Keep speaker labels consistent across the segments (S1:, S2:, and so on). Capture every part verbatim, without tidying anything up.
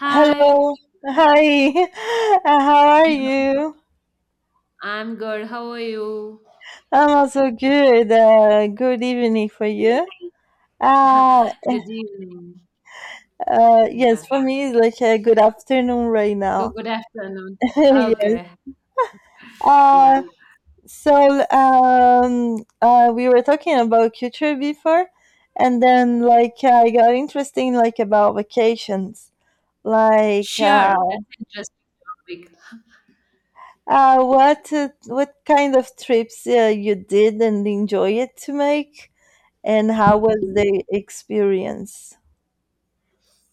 S1: Hi,
S2: Hello, hi, how are you?
S1: I'm good. How are you?
S2: I'm also good. Uh, good evening for you.
S1: Great.
S2: Uh,
S1: Good evening.
S2: uh, yes,
S1: Yeah.
S2: for me, it's like a good afternoon right
S1: Good,
S2: now.
S1: good afternoon.
S2: yes.
S1: Okay.
S2: Uh,
S1: Yeah.
S2: so um, uh, we were talking about culture before, and then like I got interesting like about vacations, like
S1: Sure. That's
S2: uh,
S1: an interesting topic.
S2: uh, what uh, what kind of trips uh, you did and enjoy it to make. And how was the experience?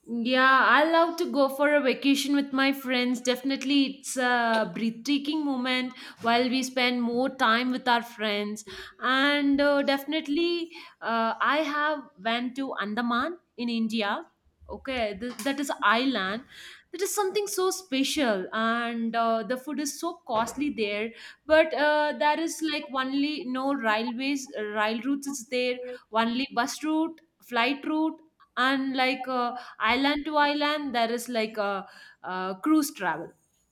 S1: Yeah, I love to go for a vacation with my friends. Definitely, it's a breathtaking moment while we spend more time with our friends. And uh, definitely, uh, I have went to Andaman in India. Okay, th- that is island. That is something so special, and uh, the food is so costly there. But uh, there is like only no railways, rail routes is there. Only bus route, flight route, and like. Uh, island to island there is like a, a cruise travel.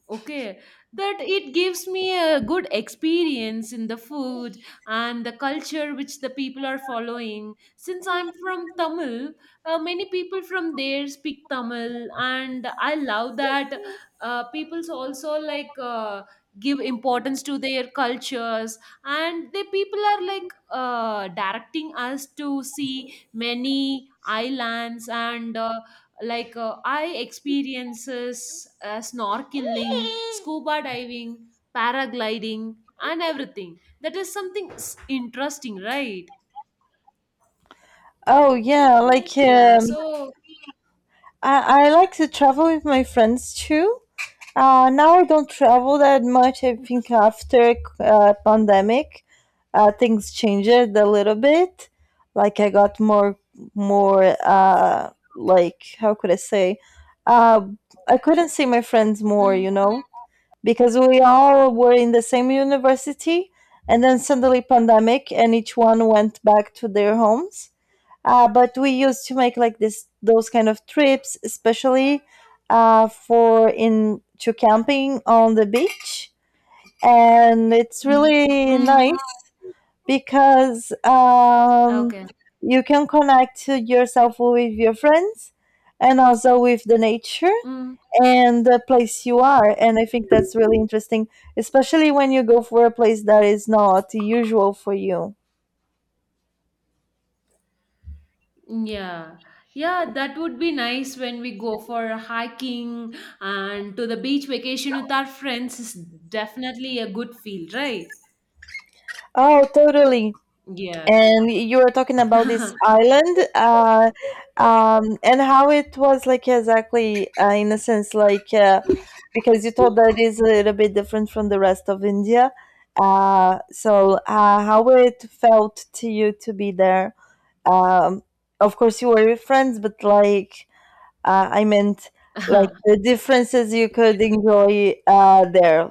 S1: Okay, that it gives me a good experience in the food and the culture which the people are following, since I'm from Tamil. Uh, many people from there speak Tamil, and I love that. Uh, people's also like, uh, give importance to their cultures, and the people are like uh, directing us to see many islands. And uh, like uh, I experiences uh, snorkeling, scuba diving, paragliding and everything. That is something s- interesting, right?
S2: Oh yeah, like
S1: Yeah.
S2: um,
S1: So.
S2: I, I like to travel with my friends too. Uh, now I don't travel that much. I think after uh, pandemic, uh, things changed a little bit. Like I got more more uh, like how could I say? Uh, I couldn't see my friends more,
S1: Mm.
S2: you know, because we all were in the same university, and then suddenly pandemic and each one went back to their homes. Uh, but we used to make like this those kind of trips, especially uh, for in to camping on the beach, and it's
S1: Mm.
S2: really nice
S1: Mm.
S2: because um,
S1: Okay.
S2: you can connect yourself with your friends and also with the nature
S1: Mm.
S2: and the place you are. And I think that's really interesting, especially when you go for a place that is not usual for you.
S1: Yeah, yeah, that would be nice. When we go for hiking and to the beach vacation with our friends is definitely a good feel, right?
S2: Oh, totally.
S1: Yeah.
S2: And you were talking about this island, uh, um, and how it was like exactly, uh, in a sense, like uh, because you thought that it is a little bit different from the rest of India. Uh, so, uh, how it felt to you to be there? Um, of course, you were with friends, but like, uh, I meant like the differences you could enjoy uh, there.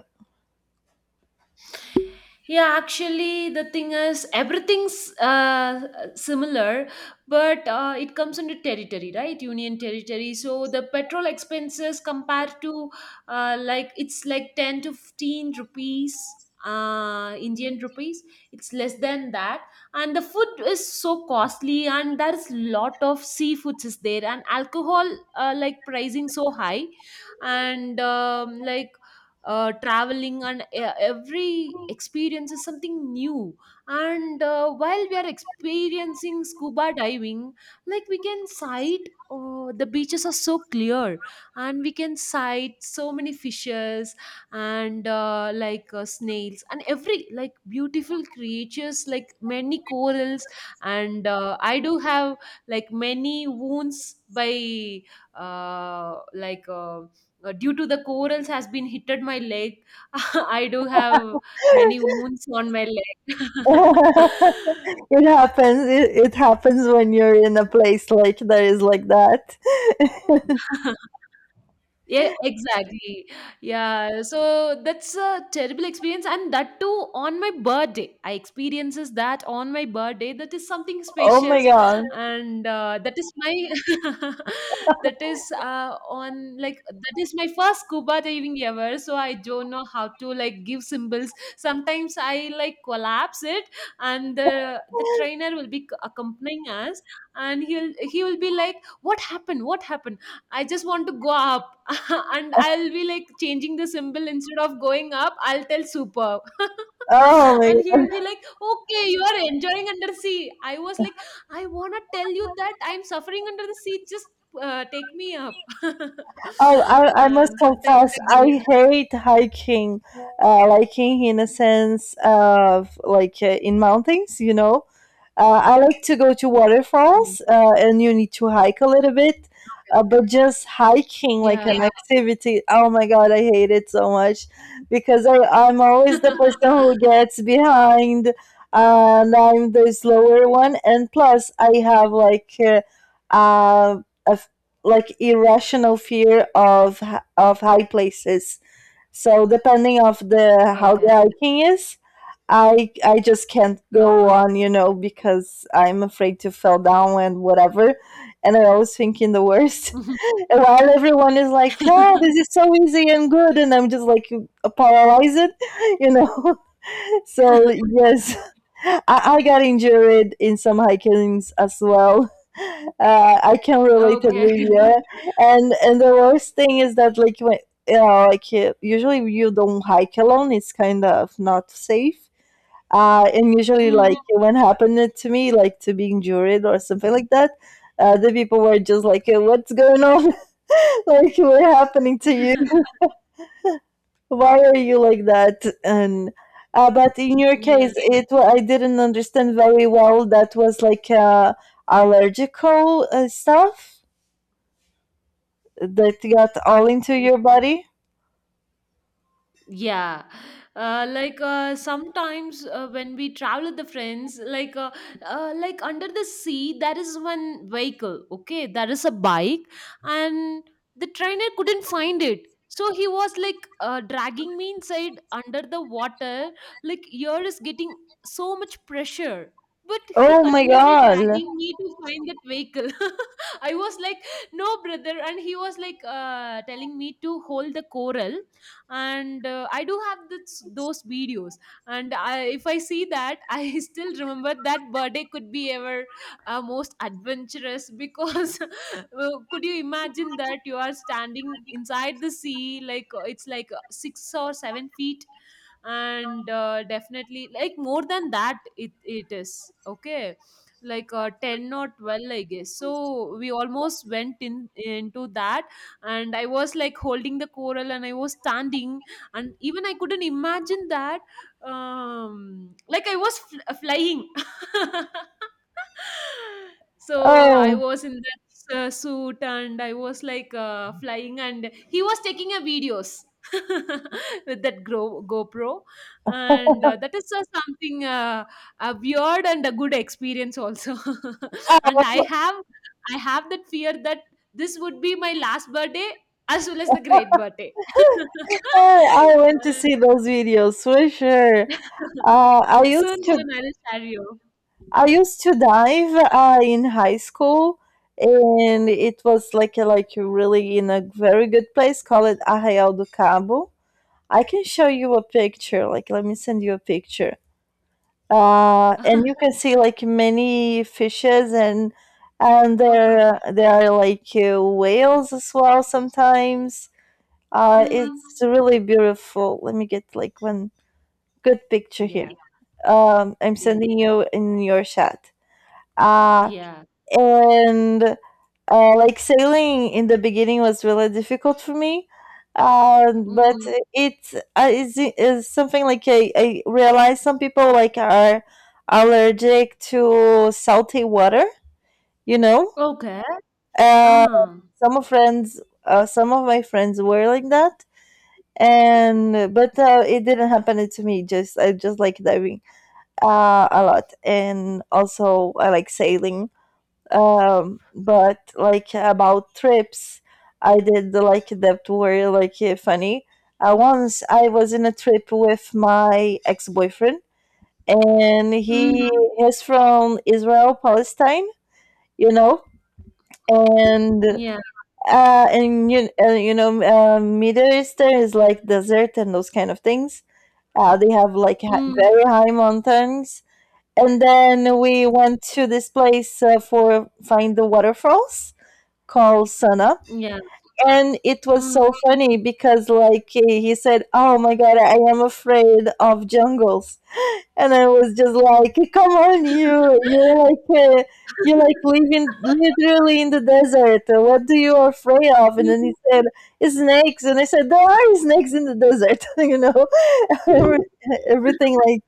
S1: Yeah, actually, the thing is, everything's uh, similar, but uh, it comes under territory, right? Union territory. So the petrol expenses compared to, uh, like, it's like ten to fifteen rupees, uh, Indian rupees. It's less than that. And the food is so costly, and there's lot of seafoods is there, and alcohol, uh, like, pricing so high. And um, like uh, traveling and e- every experience is something new. And uh, while we are experiencing scuba diving, like, we can sight, uh, the beaches are so clear, and we can sight so many fishes and uh, like uh, snails and every like beautiful creatures like many corals. And uh, I do have like many wounds by uh, like uh, uh, due to the corals has been hitted my leg. I do have many wounds on my leg.
S2: It happens. It, it happens when you're in a place like that is like that.
S1: Yeah, exactly. Yeah, so that's a terrible experience, and that too on my birthday. I experiences that on my birthday. That is something
S2: Oh my
S1: special,
S2: god.
S1: and uh, that is my that is uh, on like that is my first scuba diving ever. So I don't know how to like give symbols. Sometimes I like collapse it, and the the trainer will be accompanying us, and he'll he will be like, "What happened? What happened?" I just want to go up. And I'll be like changing the symbol, instead of going up, I'll tell super.
S2: Oh my.
S1: And he will be like, okay, you are enjoying under sea. I was like, I want to tell you that I'm suffering under the sea. Just uh, take me up.
S2: Oh, I, I must
S1: And
S2: confess,
S1: sometimes,
S2: I hate hiking, uh, liking in a sense of like uh, in mountains, you know. Uh, I like to go to
S1: we'll, hmm,
S2: waterfalls, uh, and you need to hike a little bit, uh, but just hiking like
S1: yeah.
S2: an activity, oh my God, I hate it so much because I, I'm always the person who gets behind, and I'm the slower one. And plus, I have like uh, uh, a like irrational fear of h- of high places. So depending of the how the
S1: Okay.
S2: hiking is, I I just can't
S1: Okay.
S2: go on, you know, because I'm afraid to fall down and whatever. And I always think in the worst. And while everyone is like, "Oh, this is so easy and good," and I'm just like paralyzed, you know. So yes, I, I got injured in some hikings as well. Uh, I can relate it
S1: Okay.
S2: with you. And and the worst thing is that like when you know like uh, usually you don't hike alone. It's kind of not safe. Uh, and usually like
S1: Mm.
S2: when happened it to me like to be injured or something like that. Uh, the people were just like, "Uh, what's going on? like, what happening to you?" Why are you like that? And uh, but in your
S1: Yeah.
S2: case it wa- I didn't understand very well, that was like uh, allergical uh, stuff that got all into your body.
S1: Yeah, uh, like uh, sometimes uh, when we travel with the friends, like uh, uh, like, under the sea, there is one vehicle. Okay, there is a bike, and the trainer couldn't find it, so he was like uh, dragging me inside under the water. Like ear is getting so much pressure, but he
S2: Oh my
S1: continuously
S2: god.
S1: dragging me to find that vehicle. I was like, no, brother, and he was like uh, telling me to hold the coral. And uh, I do have this, those videos. And I, if I see that, I still remember that birthday could be ever uh, most adventurous, because well, could you imagine that you are standing inside the sea, like uh, it's like uh, six or seven feet, and uh, definitely like more than that, it, it is okay, like uh, ten or twelve, I guess. So we almost went in into that, and I was like holding the coral, and I was standing. And even I couldn't imagine that. Um like, I was fl- uh, flying. So I
S2: oh
S1: was in that uh, suit, and I was like uh, flying, and he was taking a videos with that Gro- gopro. And uh, that is uh, something, uh, a weird and a good experience also.
S2: i
S1: And i have i have that fear that this would be my last birthday as well as the great birthday.
S2: I went to
S1: Uh,
S2: see those videos for sure. uh, i
S1: Soon,
S2: used to
S1: soon I will share you.
S2: i used to dive uh, in high school, and it was like a, like really in a very good place called arraial do cabo. I can show you a picture. Like, let me send you a picture. Uh, and you can see like many fishes, and and
S1: Okay.
S2: there there are like uh, whales as well sometimes. Uh,
S1: Mm.
S2: it's really beautiful. Let me get like one good picture here.
S1: Yeah.
S2: Um, I'm
S1: Yeah.
S2: sending you in your chat. Uh,
S1: Yeah.
S2: and uh, like sailing in the beginning was really difficult for me, um, but
S1: Mm.
S2: it's uh, is, is something like I, I realize some people like are allergic to salty water, you know.
S1: Okay.
S2: uh,
S1: Uh.
S2: some of friends uh, some of my friends were like that, and but uh, it didn't happen to me. Just i just like diving uh, a lot, and also I like sailing. Um, but like about trips I did like that were like uh, funny. Uh, once I was in a trip with my ex-boyfriend, and he
S1: Mm.
S2: is from israel palestine, you know. And
S1: Yeah.
S2: uh and you, uh, you know, uh, middle eastern is like desert and those kind of things. Uh, they have like ha-
S1: Mm.
S2: very high mountains, and then we went to this place uh, for find the waterfalls called Sana.
S1: Yeah.
S2: And it was so
S1: Mm.
S2: funny because, like, he he said, "Oh my god, I am afraid of jungles." And I was just like, "Come on, you, you're like, uh, you're like living literally in the desert. What do you afraid of?" And then
S1: Mm.
S2: he said, "Snakes." And I said, "There are snakes in the desert, you know?" everything like.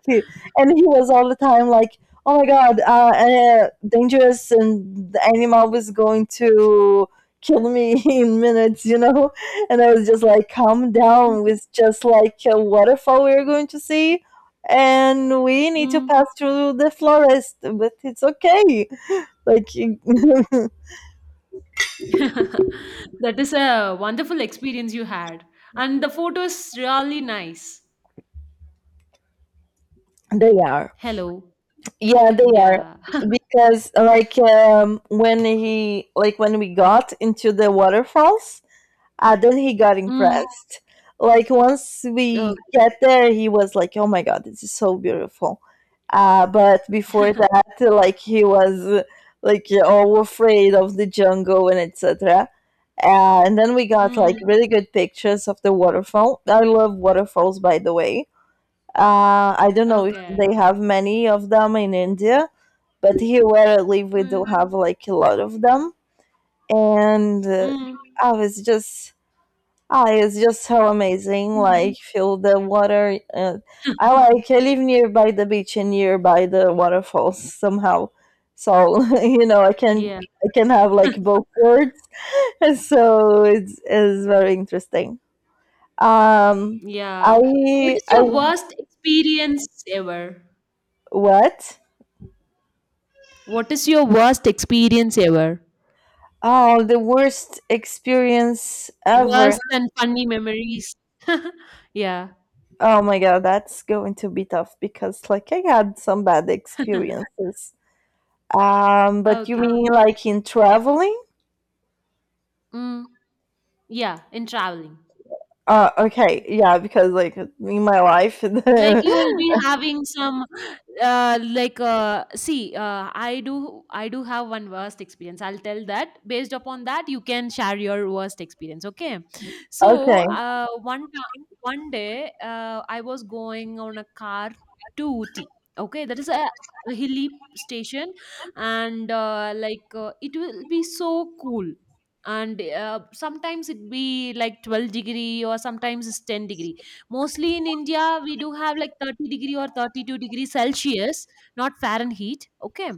S2: And he was all the time like, "Oh my god, uh, uh dangerous, and the animal was going to kill me in minutes, you know." And I was just like, "Calm down, with just like a waterfall we are going to see, and we need to
S1: Mm.
S2: pass through the forest, but it's okay, like."
S1: That is a wonderful experience you had. And the photo is really nice.
S2: They are.
S1: Hello.
S2: Yeah, they are,
S1: Yeah.
S2: because like um, when he like when we got into the waterfalls, and then he got
S1: Mm.
S2: impressed. Like once we
S1: Okay.
S2: get there, he was like, "Oh my god, this is so beautiful." Uh, but before that, like he was like all afraid of the jungle and et cetera. Uh, and then we got like
S1: Mm.
S2: really good pictures of the waterfall. I love waterfalls, by the way. Uh, I don't know if
S1: Okay.
S2: they have many of them in India, but here where I live, we do
S1: Mm.
S2: have like a lot of them. And uh,
S1: Mm.
S2: I was just, ah, it's just so amazing.
S1: Mm.
S2: Like, feel the water. Uh, I like, I live nearby the beach and nearby the waterfalls somehow. So, you know, I can,
S1: Yeah.
S2: I can have like both worlds. So it's, it's very interesting. Um,
S1: Yeah. What
S2: I,
S1: is
S2: I,
S1: your worst experience ever?
S2: what?
S1: What is your worst experience ever?
S2: Oh, the worst experience ever.
S1: Worse than funny memories. Yeah.
S2: Oh my God, that's going to be tough because like I had some bad experiences. Um, but you
S1: Okay.
S2: mean like in traveling?
S1: Mm. Yeah. In traveling.
S2: Uh, okay, yeah, because like in my life, okay,
S1: Like you will be having some uh, like uh, see, uh, i do i do have one worst experience. I'll tell that. Based upon that, you can share your worst experience. Okay, so uh, one ti- one day, uh, I was going on a car to Uti. Okay, that is a a hilly station. And uh, like uh, it will be so cool, and uh, sometimes it be like twelve degree or sometimes it's ten degree. Mostly in India, we do have like thirty degree or thirty-two degree Celsius, not Fahrenheit. Okay.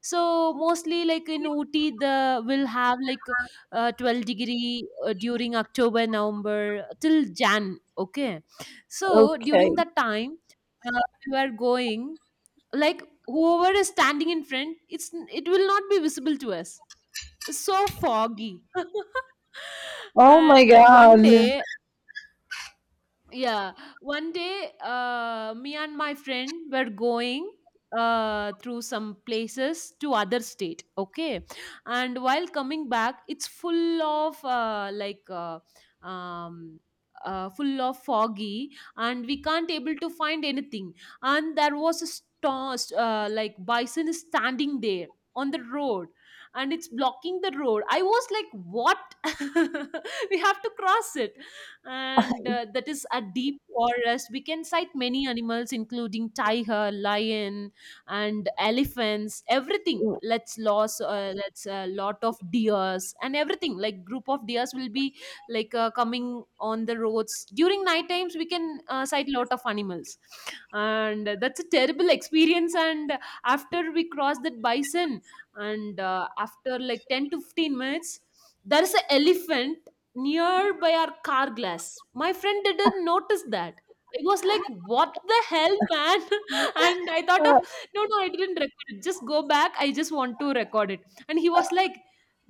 S1: So mostly like in Ooty, the will have like uh, twelve degree uh, during October, November till Jan. Okay. So
S2: okay.
S1: during that time, uh, we were going. Like, whoever is standing in front, it's it will not be visible to us. It's so foggy.
S2: Oh my
S1: And one
S2: god.
S1: day. Yeah, one day, uh, me and my friend were going uh, through some places to other state. Okay, and while coming back, it's full of uh, like uh, um, uh, full of foggy, and we can't able to find anything. And there was a storm, uh, like, bison is standing there on the road, and it's blocking the road. I was like, what? We have to cross it. And uh, that is a deep forest. We can sight many animals, including tiger, lion, and elephants. Everything. Let's loss. Uh, let's a lot of deers and everything. Like group of deers will be like uh, coming on the roads during night times. We can uh, sight lot of animals, and that's a terrible experience. And after we cross that bison, and uh, after like ten to fifteen minutes, there is an elephant near by our car glass. My friend didn't notice that. I was like, what the hell, man? And I thought of,
S2: Uh,
S1: no, no, I didn't record it. Just go back. I just want to record it. And he was like,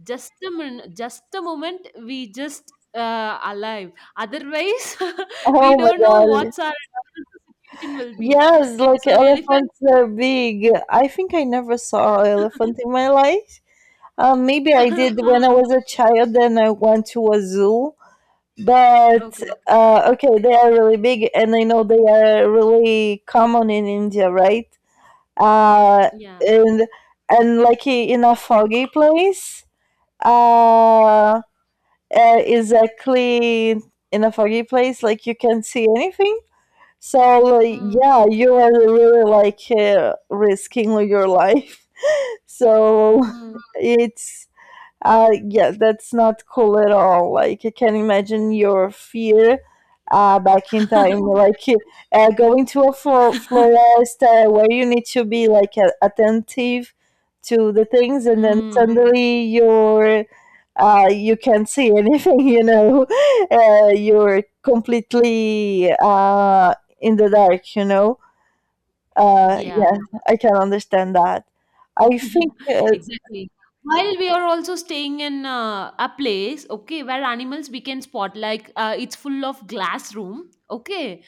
S1: just a minute, just a moment. We just uh, alive. Otherwise, we
S2: Oh my
S1: don't know
S2: god.
S1: what's our situation will be.
S2: Yes, like
S1: So elephant.
S2: elephants are big. I think I never saw elephant in my life. Um, maybe I did
S1: Uh,
S2: when I was a child and I went to a zoo. But
S1: okay.
S2: uh, okay, they are really big and I know they are really common in India, right? Uh,
S1: Yeah.
S2: and and like i- in a foggy place. Uh, uh, exactly, in a foggy place, like you can't see anything. So like,
S1: Mm.
S2: yeah, you are really like uh, risking your life. So
S1: Mm.
S2: it's uh, yes, that's not cool at all. Like, I can imagine your fear uh, back in time, like uh, going to a flo- florist uh, where you need to be like a- attentive to the things, and then
S1: Mm.
S2: suddenly you're uh, you can't see anything. You know, uh, you're completely uh, in the dark. You know, uh, yeah,
S1: Yeah.
S2: I can understand that. I think uh,
S1: Exactly. While we are also staying in uh, a place, okay, where animals we can spot, like uh, it's full of glass room. Okay,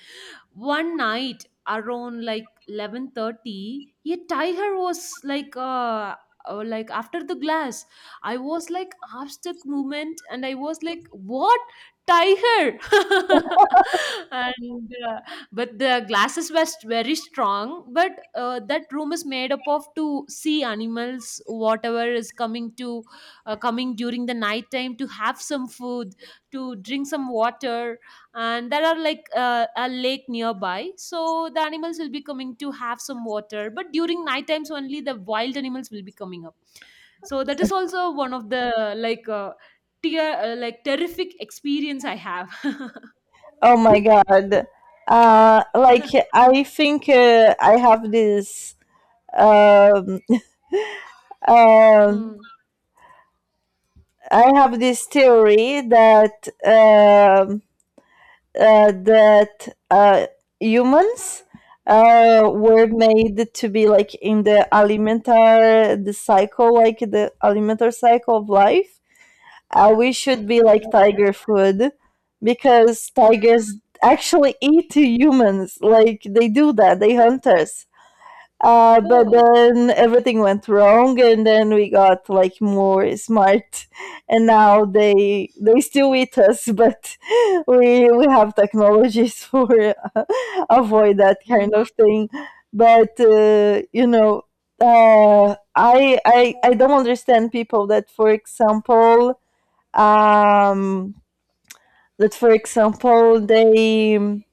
S1: one night around like eleven thirty, a tiger was like uh uh, like, after the glass. I was like half stuck movement, and I was like, what, tiger? And uh, but the glasses were st- very strong, but uh, that room is made up of to see animals whatever is coming to uh, coming during the night time to have some food, to drink some water. And there are like uh, a lake nearby, so the animals will be coming to have some water. But during night times only the wild animals will be coming up. So that is also one of the like uh, tear uh, like, terrific experience I have.
S2: oh my god. Uh, like I think uh, I have this um, um,
S1: Mm.
S2: I have this theory that um, uh, that uh, humans uh, were made to be like in the alimentar, the cycle, like the alimentar cycle of life. Uh, we should be like tiger food because
S1: Mm.
S2: tigers actually eat humans. Like they do that, they hunt us. Uh, but
S1: Oh.
S2: then everything went wrong, and then we got like more smart, and now they they still eat us, but we we have technologies for uh, avoid that kind of
S1: Mm.
S2: thing. But uh, you know, uh, I I I don't understand people that, for example, um, that for example they um,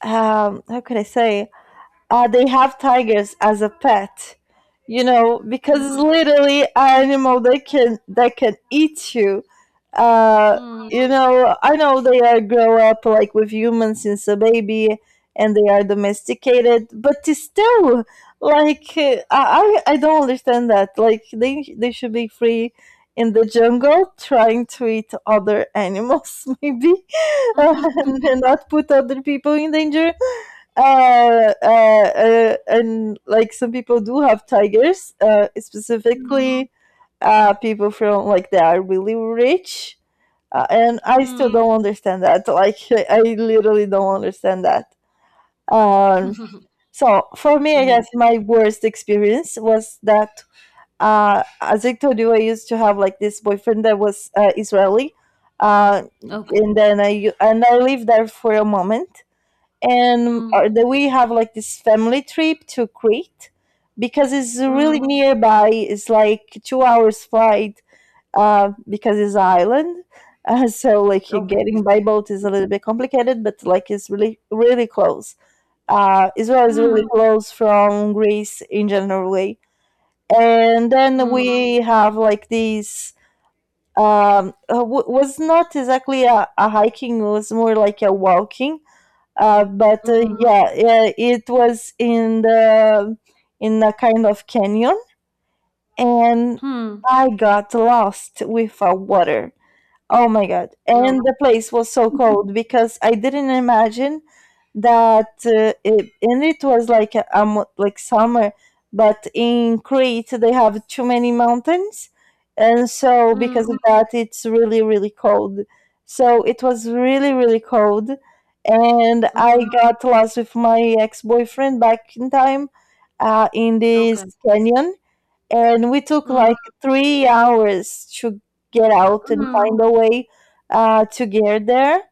S2: how could I say uh, they have tigers as a pet, you know, because
S1: Mm.
S2: it's literally an animal that can that can eat you. uh,
S1: Mm.
S2: you know, I know they are grow up like with humans since a baby, and they are domesticated, but still, like uh, i i I don't understand that. Like they they should be free in the jungle trying to eat other animals, maybe, uh, and not put other people in danger. Uh, uh, uh, and like some people do have tigers, uh,
S1: Mm.
S2: specifically uh, people from like they are really rich, uh, and I still
S1: Mm.
S2: don't understand that. Like I I literally don't understand that. Um, so for me, I
S1: Mm.
S2: guess my worst experience was that uh, as I told you, I used to have like this boyfriend that was uh, Israeli, uh,
S1: Okay.
S2: and then I and I lived there for a moment, and uh,
S1: Mm.
S2: that we have like this family trip to Crete because it's really
S1: Mm.
S2: nearby. It's like two hours flight uh, because it's island. Uh, so like you
S1: Okay.
S2: getting by boat is a little bit complicated, but like it's really really close. Uh, Israel is really
S1: Mm.
S2: close from Greece in general way, and then
S1: Mm.
S2: we have like these. Um, uh, w- was not exactly a, a hiking; it was more like a walking uh, but uh,
S1: Mm.
S2: yeah, uh, it was in the in a kind of canyon, and
S1: Hmm.
S2: I got lost with a water. Oh my God. And
S1: Okay.
S2: the place was so cold because I didn't imagine that, uh, it, and it was like a, um, like summer, but in Crete they have too many mountains. And so
S1: Mm,
S2: because of that it's really really cold. So it was really really cold, and I
S1: mm,
S2: got lost with my ex-boyfriend back in time uh, in this
S1: okay.
S2: canyon, and we took
S1: Mm,
S2: like three hours to get out and
S1: mm,
S2: find a way uh, to get there.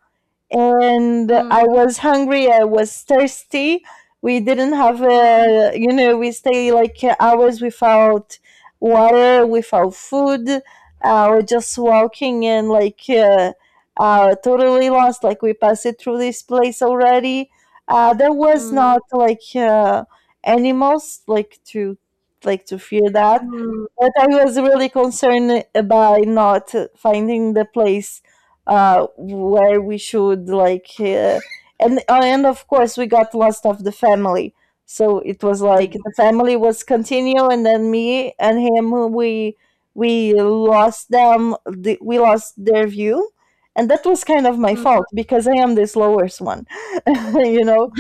S2: And
S1: mm, mm,
S2: I was hungry. I was thirsty. We didn't have a, you know, we stay like hours without water, without food. Uh, we just walking and like uh, uh, totally lost. Like we passed it through this place already. Uh, there was
S1: mm,
S2: not like uh, animals like to like to fear that,
S1: mm,
S2: but I was really concerned by not finding the place uh, where we should like, uh, and uh, and of course we got lost of the family. So it was like
S1: ex
S2: the family was continue, and then me and him we we lost them. The, we lost their view, and that was kind of my
S1: mm.
S2: fault because I am the slowest one. you know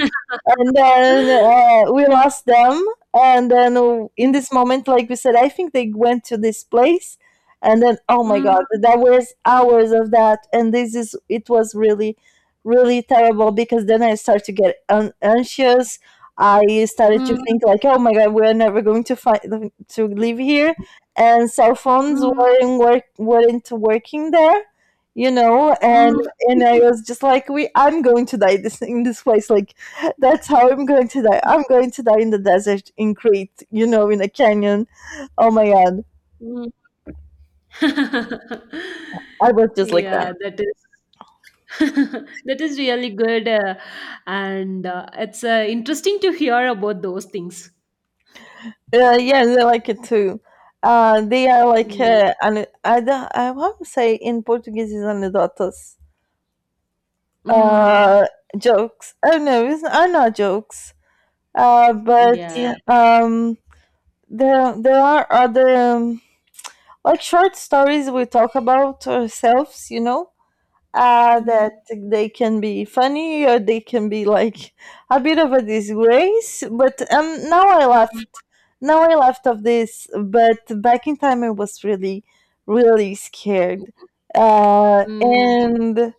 S2: and then uh, we lost them, and then w- in this moment, like we said, I think they went to this place, and then, oh my God,
S1: Mm,
S2: that was hours of that, and this is it was really really terrible because then I started to get un- anxious. I started to
S1: mm,
S2: think like, oh my God, we're never going to find to live here, and cell phones
S1: mm,
S2: weren't work weren't working there, you know. And
S1: mm, mm.
S2: and I was just like, we I'm going to die this in this place, like that's how I'm going to die. I'm going to die in the desert in Crete, you know, in a canyon. Oh my God. I was just like that.
S1: Yeah, that is that is really good, uh, and uh, it's uh, interesting to hear about those things.
S2: Uh, yeah, they like it too. Uh, they are like,
S1: Yeah.
S2: uh, an, I, don't- I want to say in Portuguese is anedotas.
S1: Mm,
S2: Uh, Jokes. Oh no, it's, are not jokes. Uh, but
S1: yeah.
S2: um, there, there are other, um, like short stories we talk about ourselves, you know? uh, that
S1: Mm,
S2: they can be funny or they can be like a bit of a disgrace. But um, now I
S1: mm,
S2: left. Now I left of this. But back in time, I was really, really scared. Uh,
S1: mm,
S2: and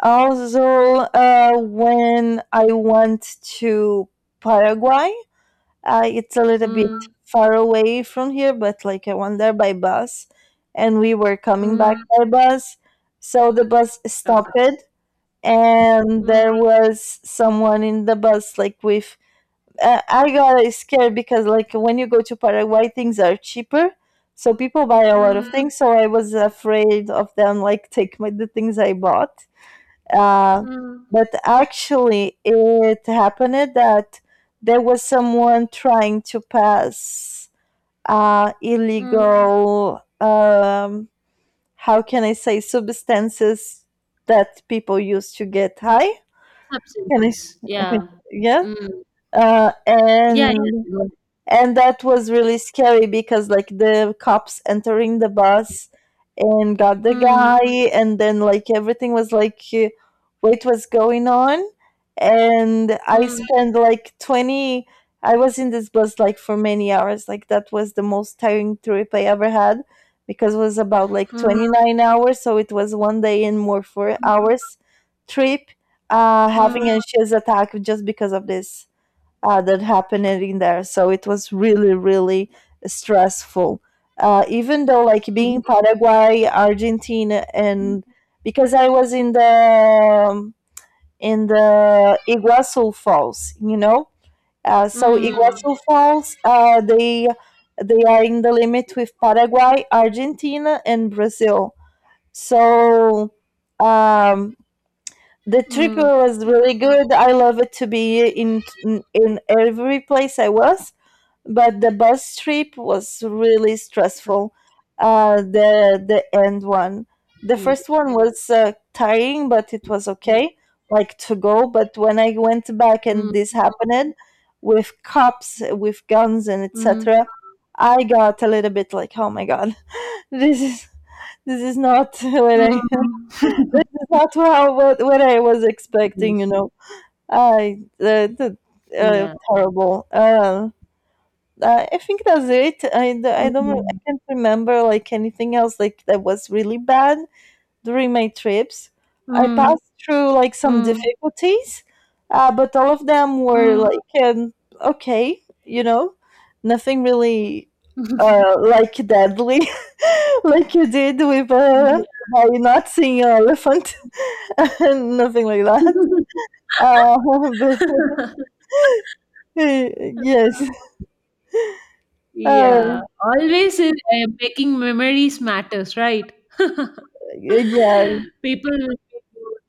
S2: also, uh, when I went to Paraguay, uh, it's a little bit
S1: mm,
S2: far away from here, but like I went there by bus, and we were coming back
S1: mm.
S2: by bus. So the bus
S1: Okay.
S2: stopped, and there
S1: Mm,
S2: was someone in the bus like with uh, I got scared because like when you go to Paraguay things are cheaper, so people buy a lot of
S1: mm.
S2: Mm. things, so I was afraid of them like take my the things I bought. uh,
S1: Mm,
S2: but actually it happened that there was someone trying to pass uh, Mm.
S1: mm,
S2: illegal, um, how can I say, substances that people use to get high. Can I?
S1: substances. Yeah.
S2: Yeah.
S1: Mm.
S2: uh,
S1: Yeah, yeah.
S2: and
S1: Go ahead.
S2: and that was really scary because like the cops entering the bus and got the
S1: Mm,
S2: guy, and then like everything was like, uh, what was going on, and I
S1: mm,
S2: spent like twenty. I was in this bus like for many hours, like that was the most tiring trip I ever had because it was about like
S1: mm,
S2: twenty-nine hours, so it was one day and more four hours trip, uh, having
S1: mm,
S2: an anxious attack just because of this uh, that happened in there. So it was really, really stressful. Uh, even though, like being
S1: mm,
S2: in Paraguay, Argentina, and because I was in the um, in the Iguazu Falls, you know. Uh,
S1: mm,
S2: so
S1: mm,
S2: Iguazu Falls, uh, they they are in the limit with Paraguay, Argentina, and Brazil. So um, the trip
S1: mm,
S2: was really good. I love it to be in in in every place I was, but the bus trip was really
S1: sub-
S2: stressful. Uh, the the end one, the
S1: mm,
S2: first one was uh, tiring, but it was
S1: mm,
S2: okay, like to go. But when I went back and this happened with cops, with guns, and
S1: mm, mm,
S2: et cetera, I got a little bit like, oh my God, this is this is not, what I,
S1: mm.
S2: this is not how what what I was expecting. You know, I uh, the, uh,
S1: Yeah.
S2: terrible. Uh, I I think that's it. I, d- I don't I
S1: Mm,
S2: can't remember like anything else like that was really bad during my trips. I passed through like some
S1: mm,
S2: difficulties, uh, but all of them
S1: mm,
S2: were
S1: mm.
S2: like um, okay, you know, nothing really uh, like deadly, like you did with, uh, by not seeing an elephant, nothing like that. Uh, but
S1: Yeah.
S2: yes, uh,
S1: Yeah, always uh, making memories matters, right? People
S2: yeah.
S1: will be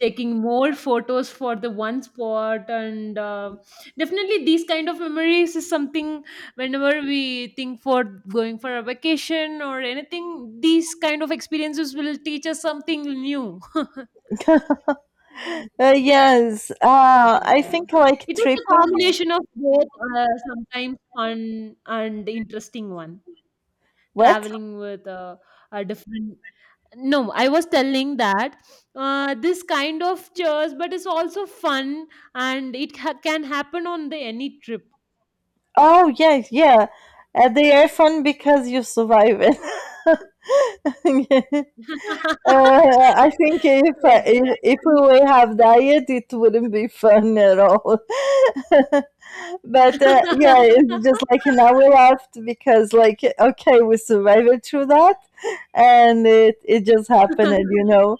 S1: taking more photos for the one spot, and uh, definitely these kind of memories is something. Whenever we think for going for a vacation or anything, these kind of experiences will teach us something new. Mm.
S2: Uh, yes, uh, I
S1: Yeah.
S2: think like
S1: It is a
S2: tripping.
S1: combination of both, uh, sometimes fun and interesting one
S2: What?
S1: traveling with uh, a different. No, I was telling that uh, this kind of chores, but it's also fun, and it ha- can happen on the any trip.
S2: Oh, yes, yeah. Uh, they are fun because you survive it. Uh, I think if, I- if if we
S1: Exactly.
S2: would have diet, it wouldn't be fun at all. But uh, yeah, it's just like now we laughed because like okay, we survived through that, and it it just happened, you know.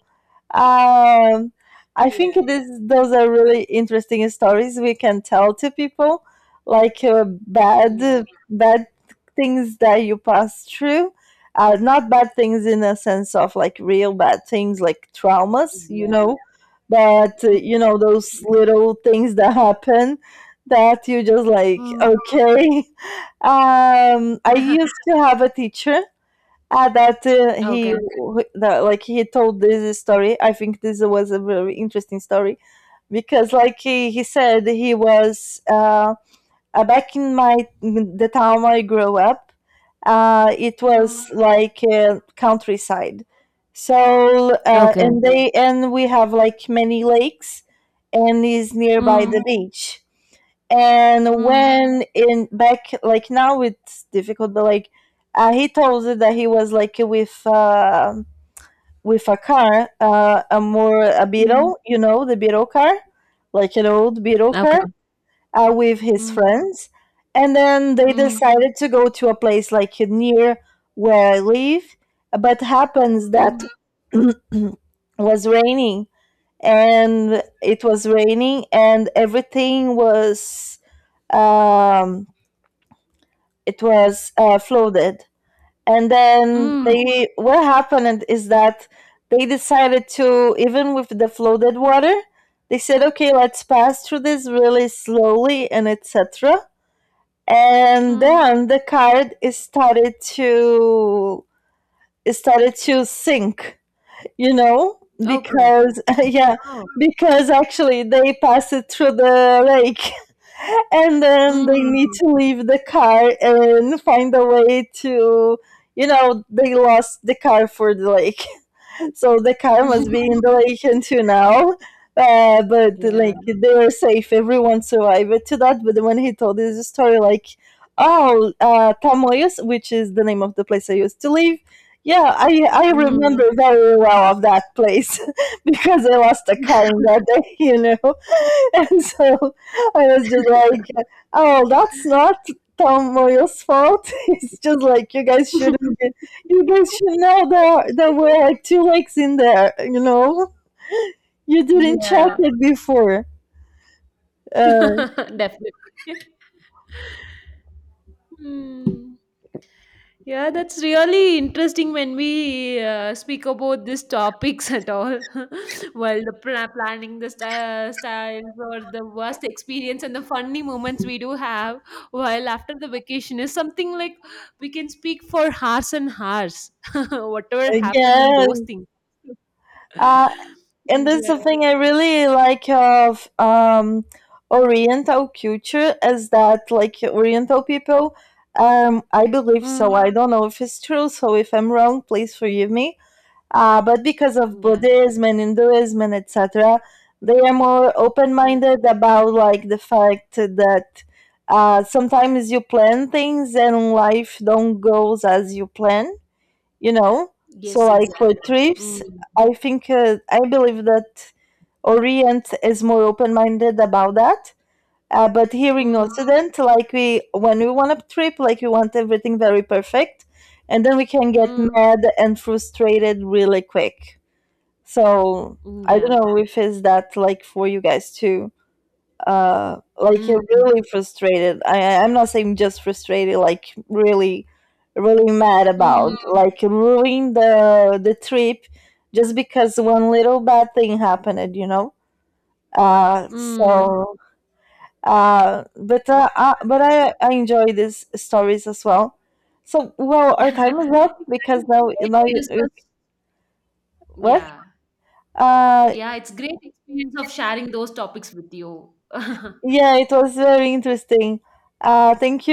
S2: Um, I
S1: Yeah,
S2: think this, those are really interesting stories we can tell to people, like uh, bad
S1: yeah,
S2: bad things that you pass through. Uh, not bad things in a sense of like real bad things, like traumas, you
S1: yeah.
S2: know, but uh, you know those little things that happen that you just like
S1: Mm.
S2: okay. Um, I used to have a teacher. Ah, that uh, he
S1: Okay.
S2: that, like he told this story. I think this was a very interesting story because, like he, he said, he was uh, uh, back in my the town I grew up. Uh, it was
S1: Mm.
S2: like uh, countryside, so uh,
S1: Okay.
S2: and they and we have like many lakes, and is nearby
S1: Mm.
S2: the beach, and
S1: Mm.
S2: when in back like now it's difficult but like, uh, he told us that he was like with, uh, with a car uh, a more a
S1: Mm.
S2: beetle, you know, the beetle car, like an old beetle car
S1: Okay.
S2: uh, with his
S1: Mm.
S2: friends, and then they
S1: Mm.
S2: decided to go to a place like near where I live, but happens that
S1: Mm.
S2: was raining, and it was raining and everything was um it was uh, flooded. And then
S1: Mm.
S2: they what happened is that they decided to, even with the flooded water, they said, okay, let's pass through this really slowly and et cetera. And
S1: Mm.
S2: then the card is started to it started to sink, you know,
S1: Okay.
S2: because yeah,
S1: Oh.
S2: because actually they passed it through the lake, and then they need
S1: Mm.
S2: to leave the car and find a way to. You know, they lost the car for the lake, so the car must be in relation to now. Uh, but
S1: Yeah.
S2: like they were safe, everyone survived to that. But when he told his story, like, oh, uh, Tamoyos, which is the name of the place I used to live. Yeah, I, I
S1: Mm.
S2: remember very well of that place. Because I lost a car in that day, you know. And so I was just like, oh, that's not Tamoyos' fault. It's just like you guys shouldn't you guys should know there there were like two lakes in there. You know, you didn't check
S1: Yeah.
S2: it before. Uh,
S1: Definitely. Hmm. Yeah, that's really interesting when we uh, speak about these topics at all. Well, the pla- planning, the sty- styles, or the worst experience, and the funny moments we do have while after the vacation is something like we can speak for hours and hours, whatever happened in those
S2: yes.
S1: things.
S2: Uh, and that's
S1: Yeah.
S2: something I really like of, um Oriental culture, is that like Oriental people. Um, I believe so.
S1: Mm.
S2: I don't know if it's true. So if I'm wrong, please forgive me. Uh, but because of
S1: Yeah.
S2: Buddhism and Hinduism and et cetera, they are more
S1: Mm.
S2: open-minded about like the fact that uh, sometimes you plan things and life don't goes as you plan. You know, so
S1: Yes,
S2: like for
S1: exactly.
S2: trips,
S1: Mm.
S2: I think uh, I believe that Orient is more open-minded about that. Uh, but here in
S1: Mm.
S2: Occident, like we, when we want a trip, like we want everything very perfect, and then we can get
S1: Mm.
S2: mad and frustrated really quick. So I
S1: Yeah.
S2: don't know if it's that like for you guys too. Uh, like you're
S1: Mm.
S2: really frustrated. I, I- I'm not saying just frustrated, like really, really mad about,
S1: Mm.
S2: like ruin the the trip just because one little bad thing happened. You know. Uh,
S1: Mm.
S2: so uh, but uh, uh, but
S1: Yeah.
S2: I, I enjoy these stories as well. So well, our time
S1: Exactly.
S2: is up because
S1: It's
S2: now
S1: great
S2: now
S1: to
S2: you, you-
S1: discuss.
S2: what?
S1: Yeah.
S2: Uh,
S1: Yeah, it's great experience of sharing those topics with you.
S2: yeah, it was very interesting. Uh, thank you.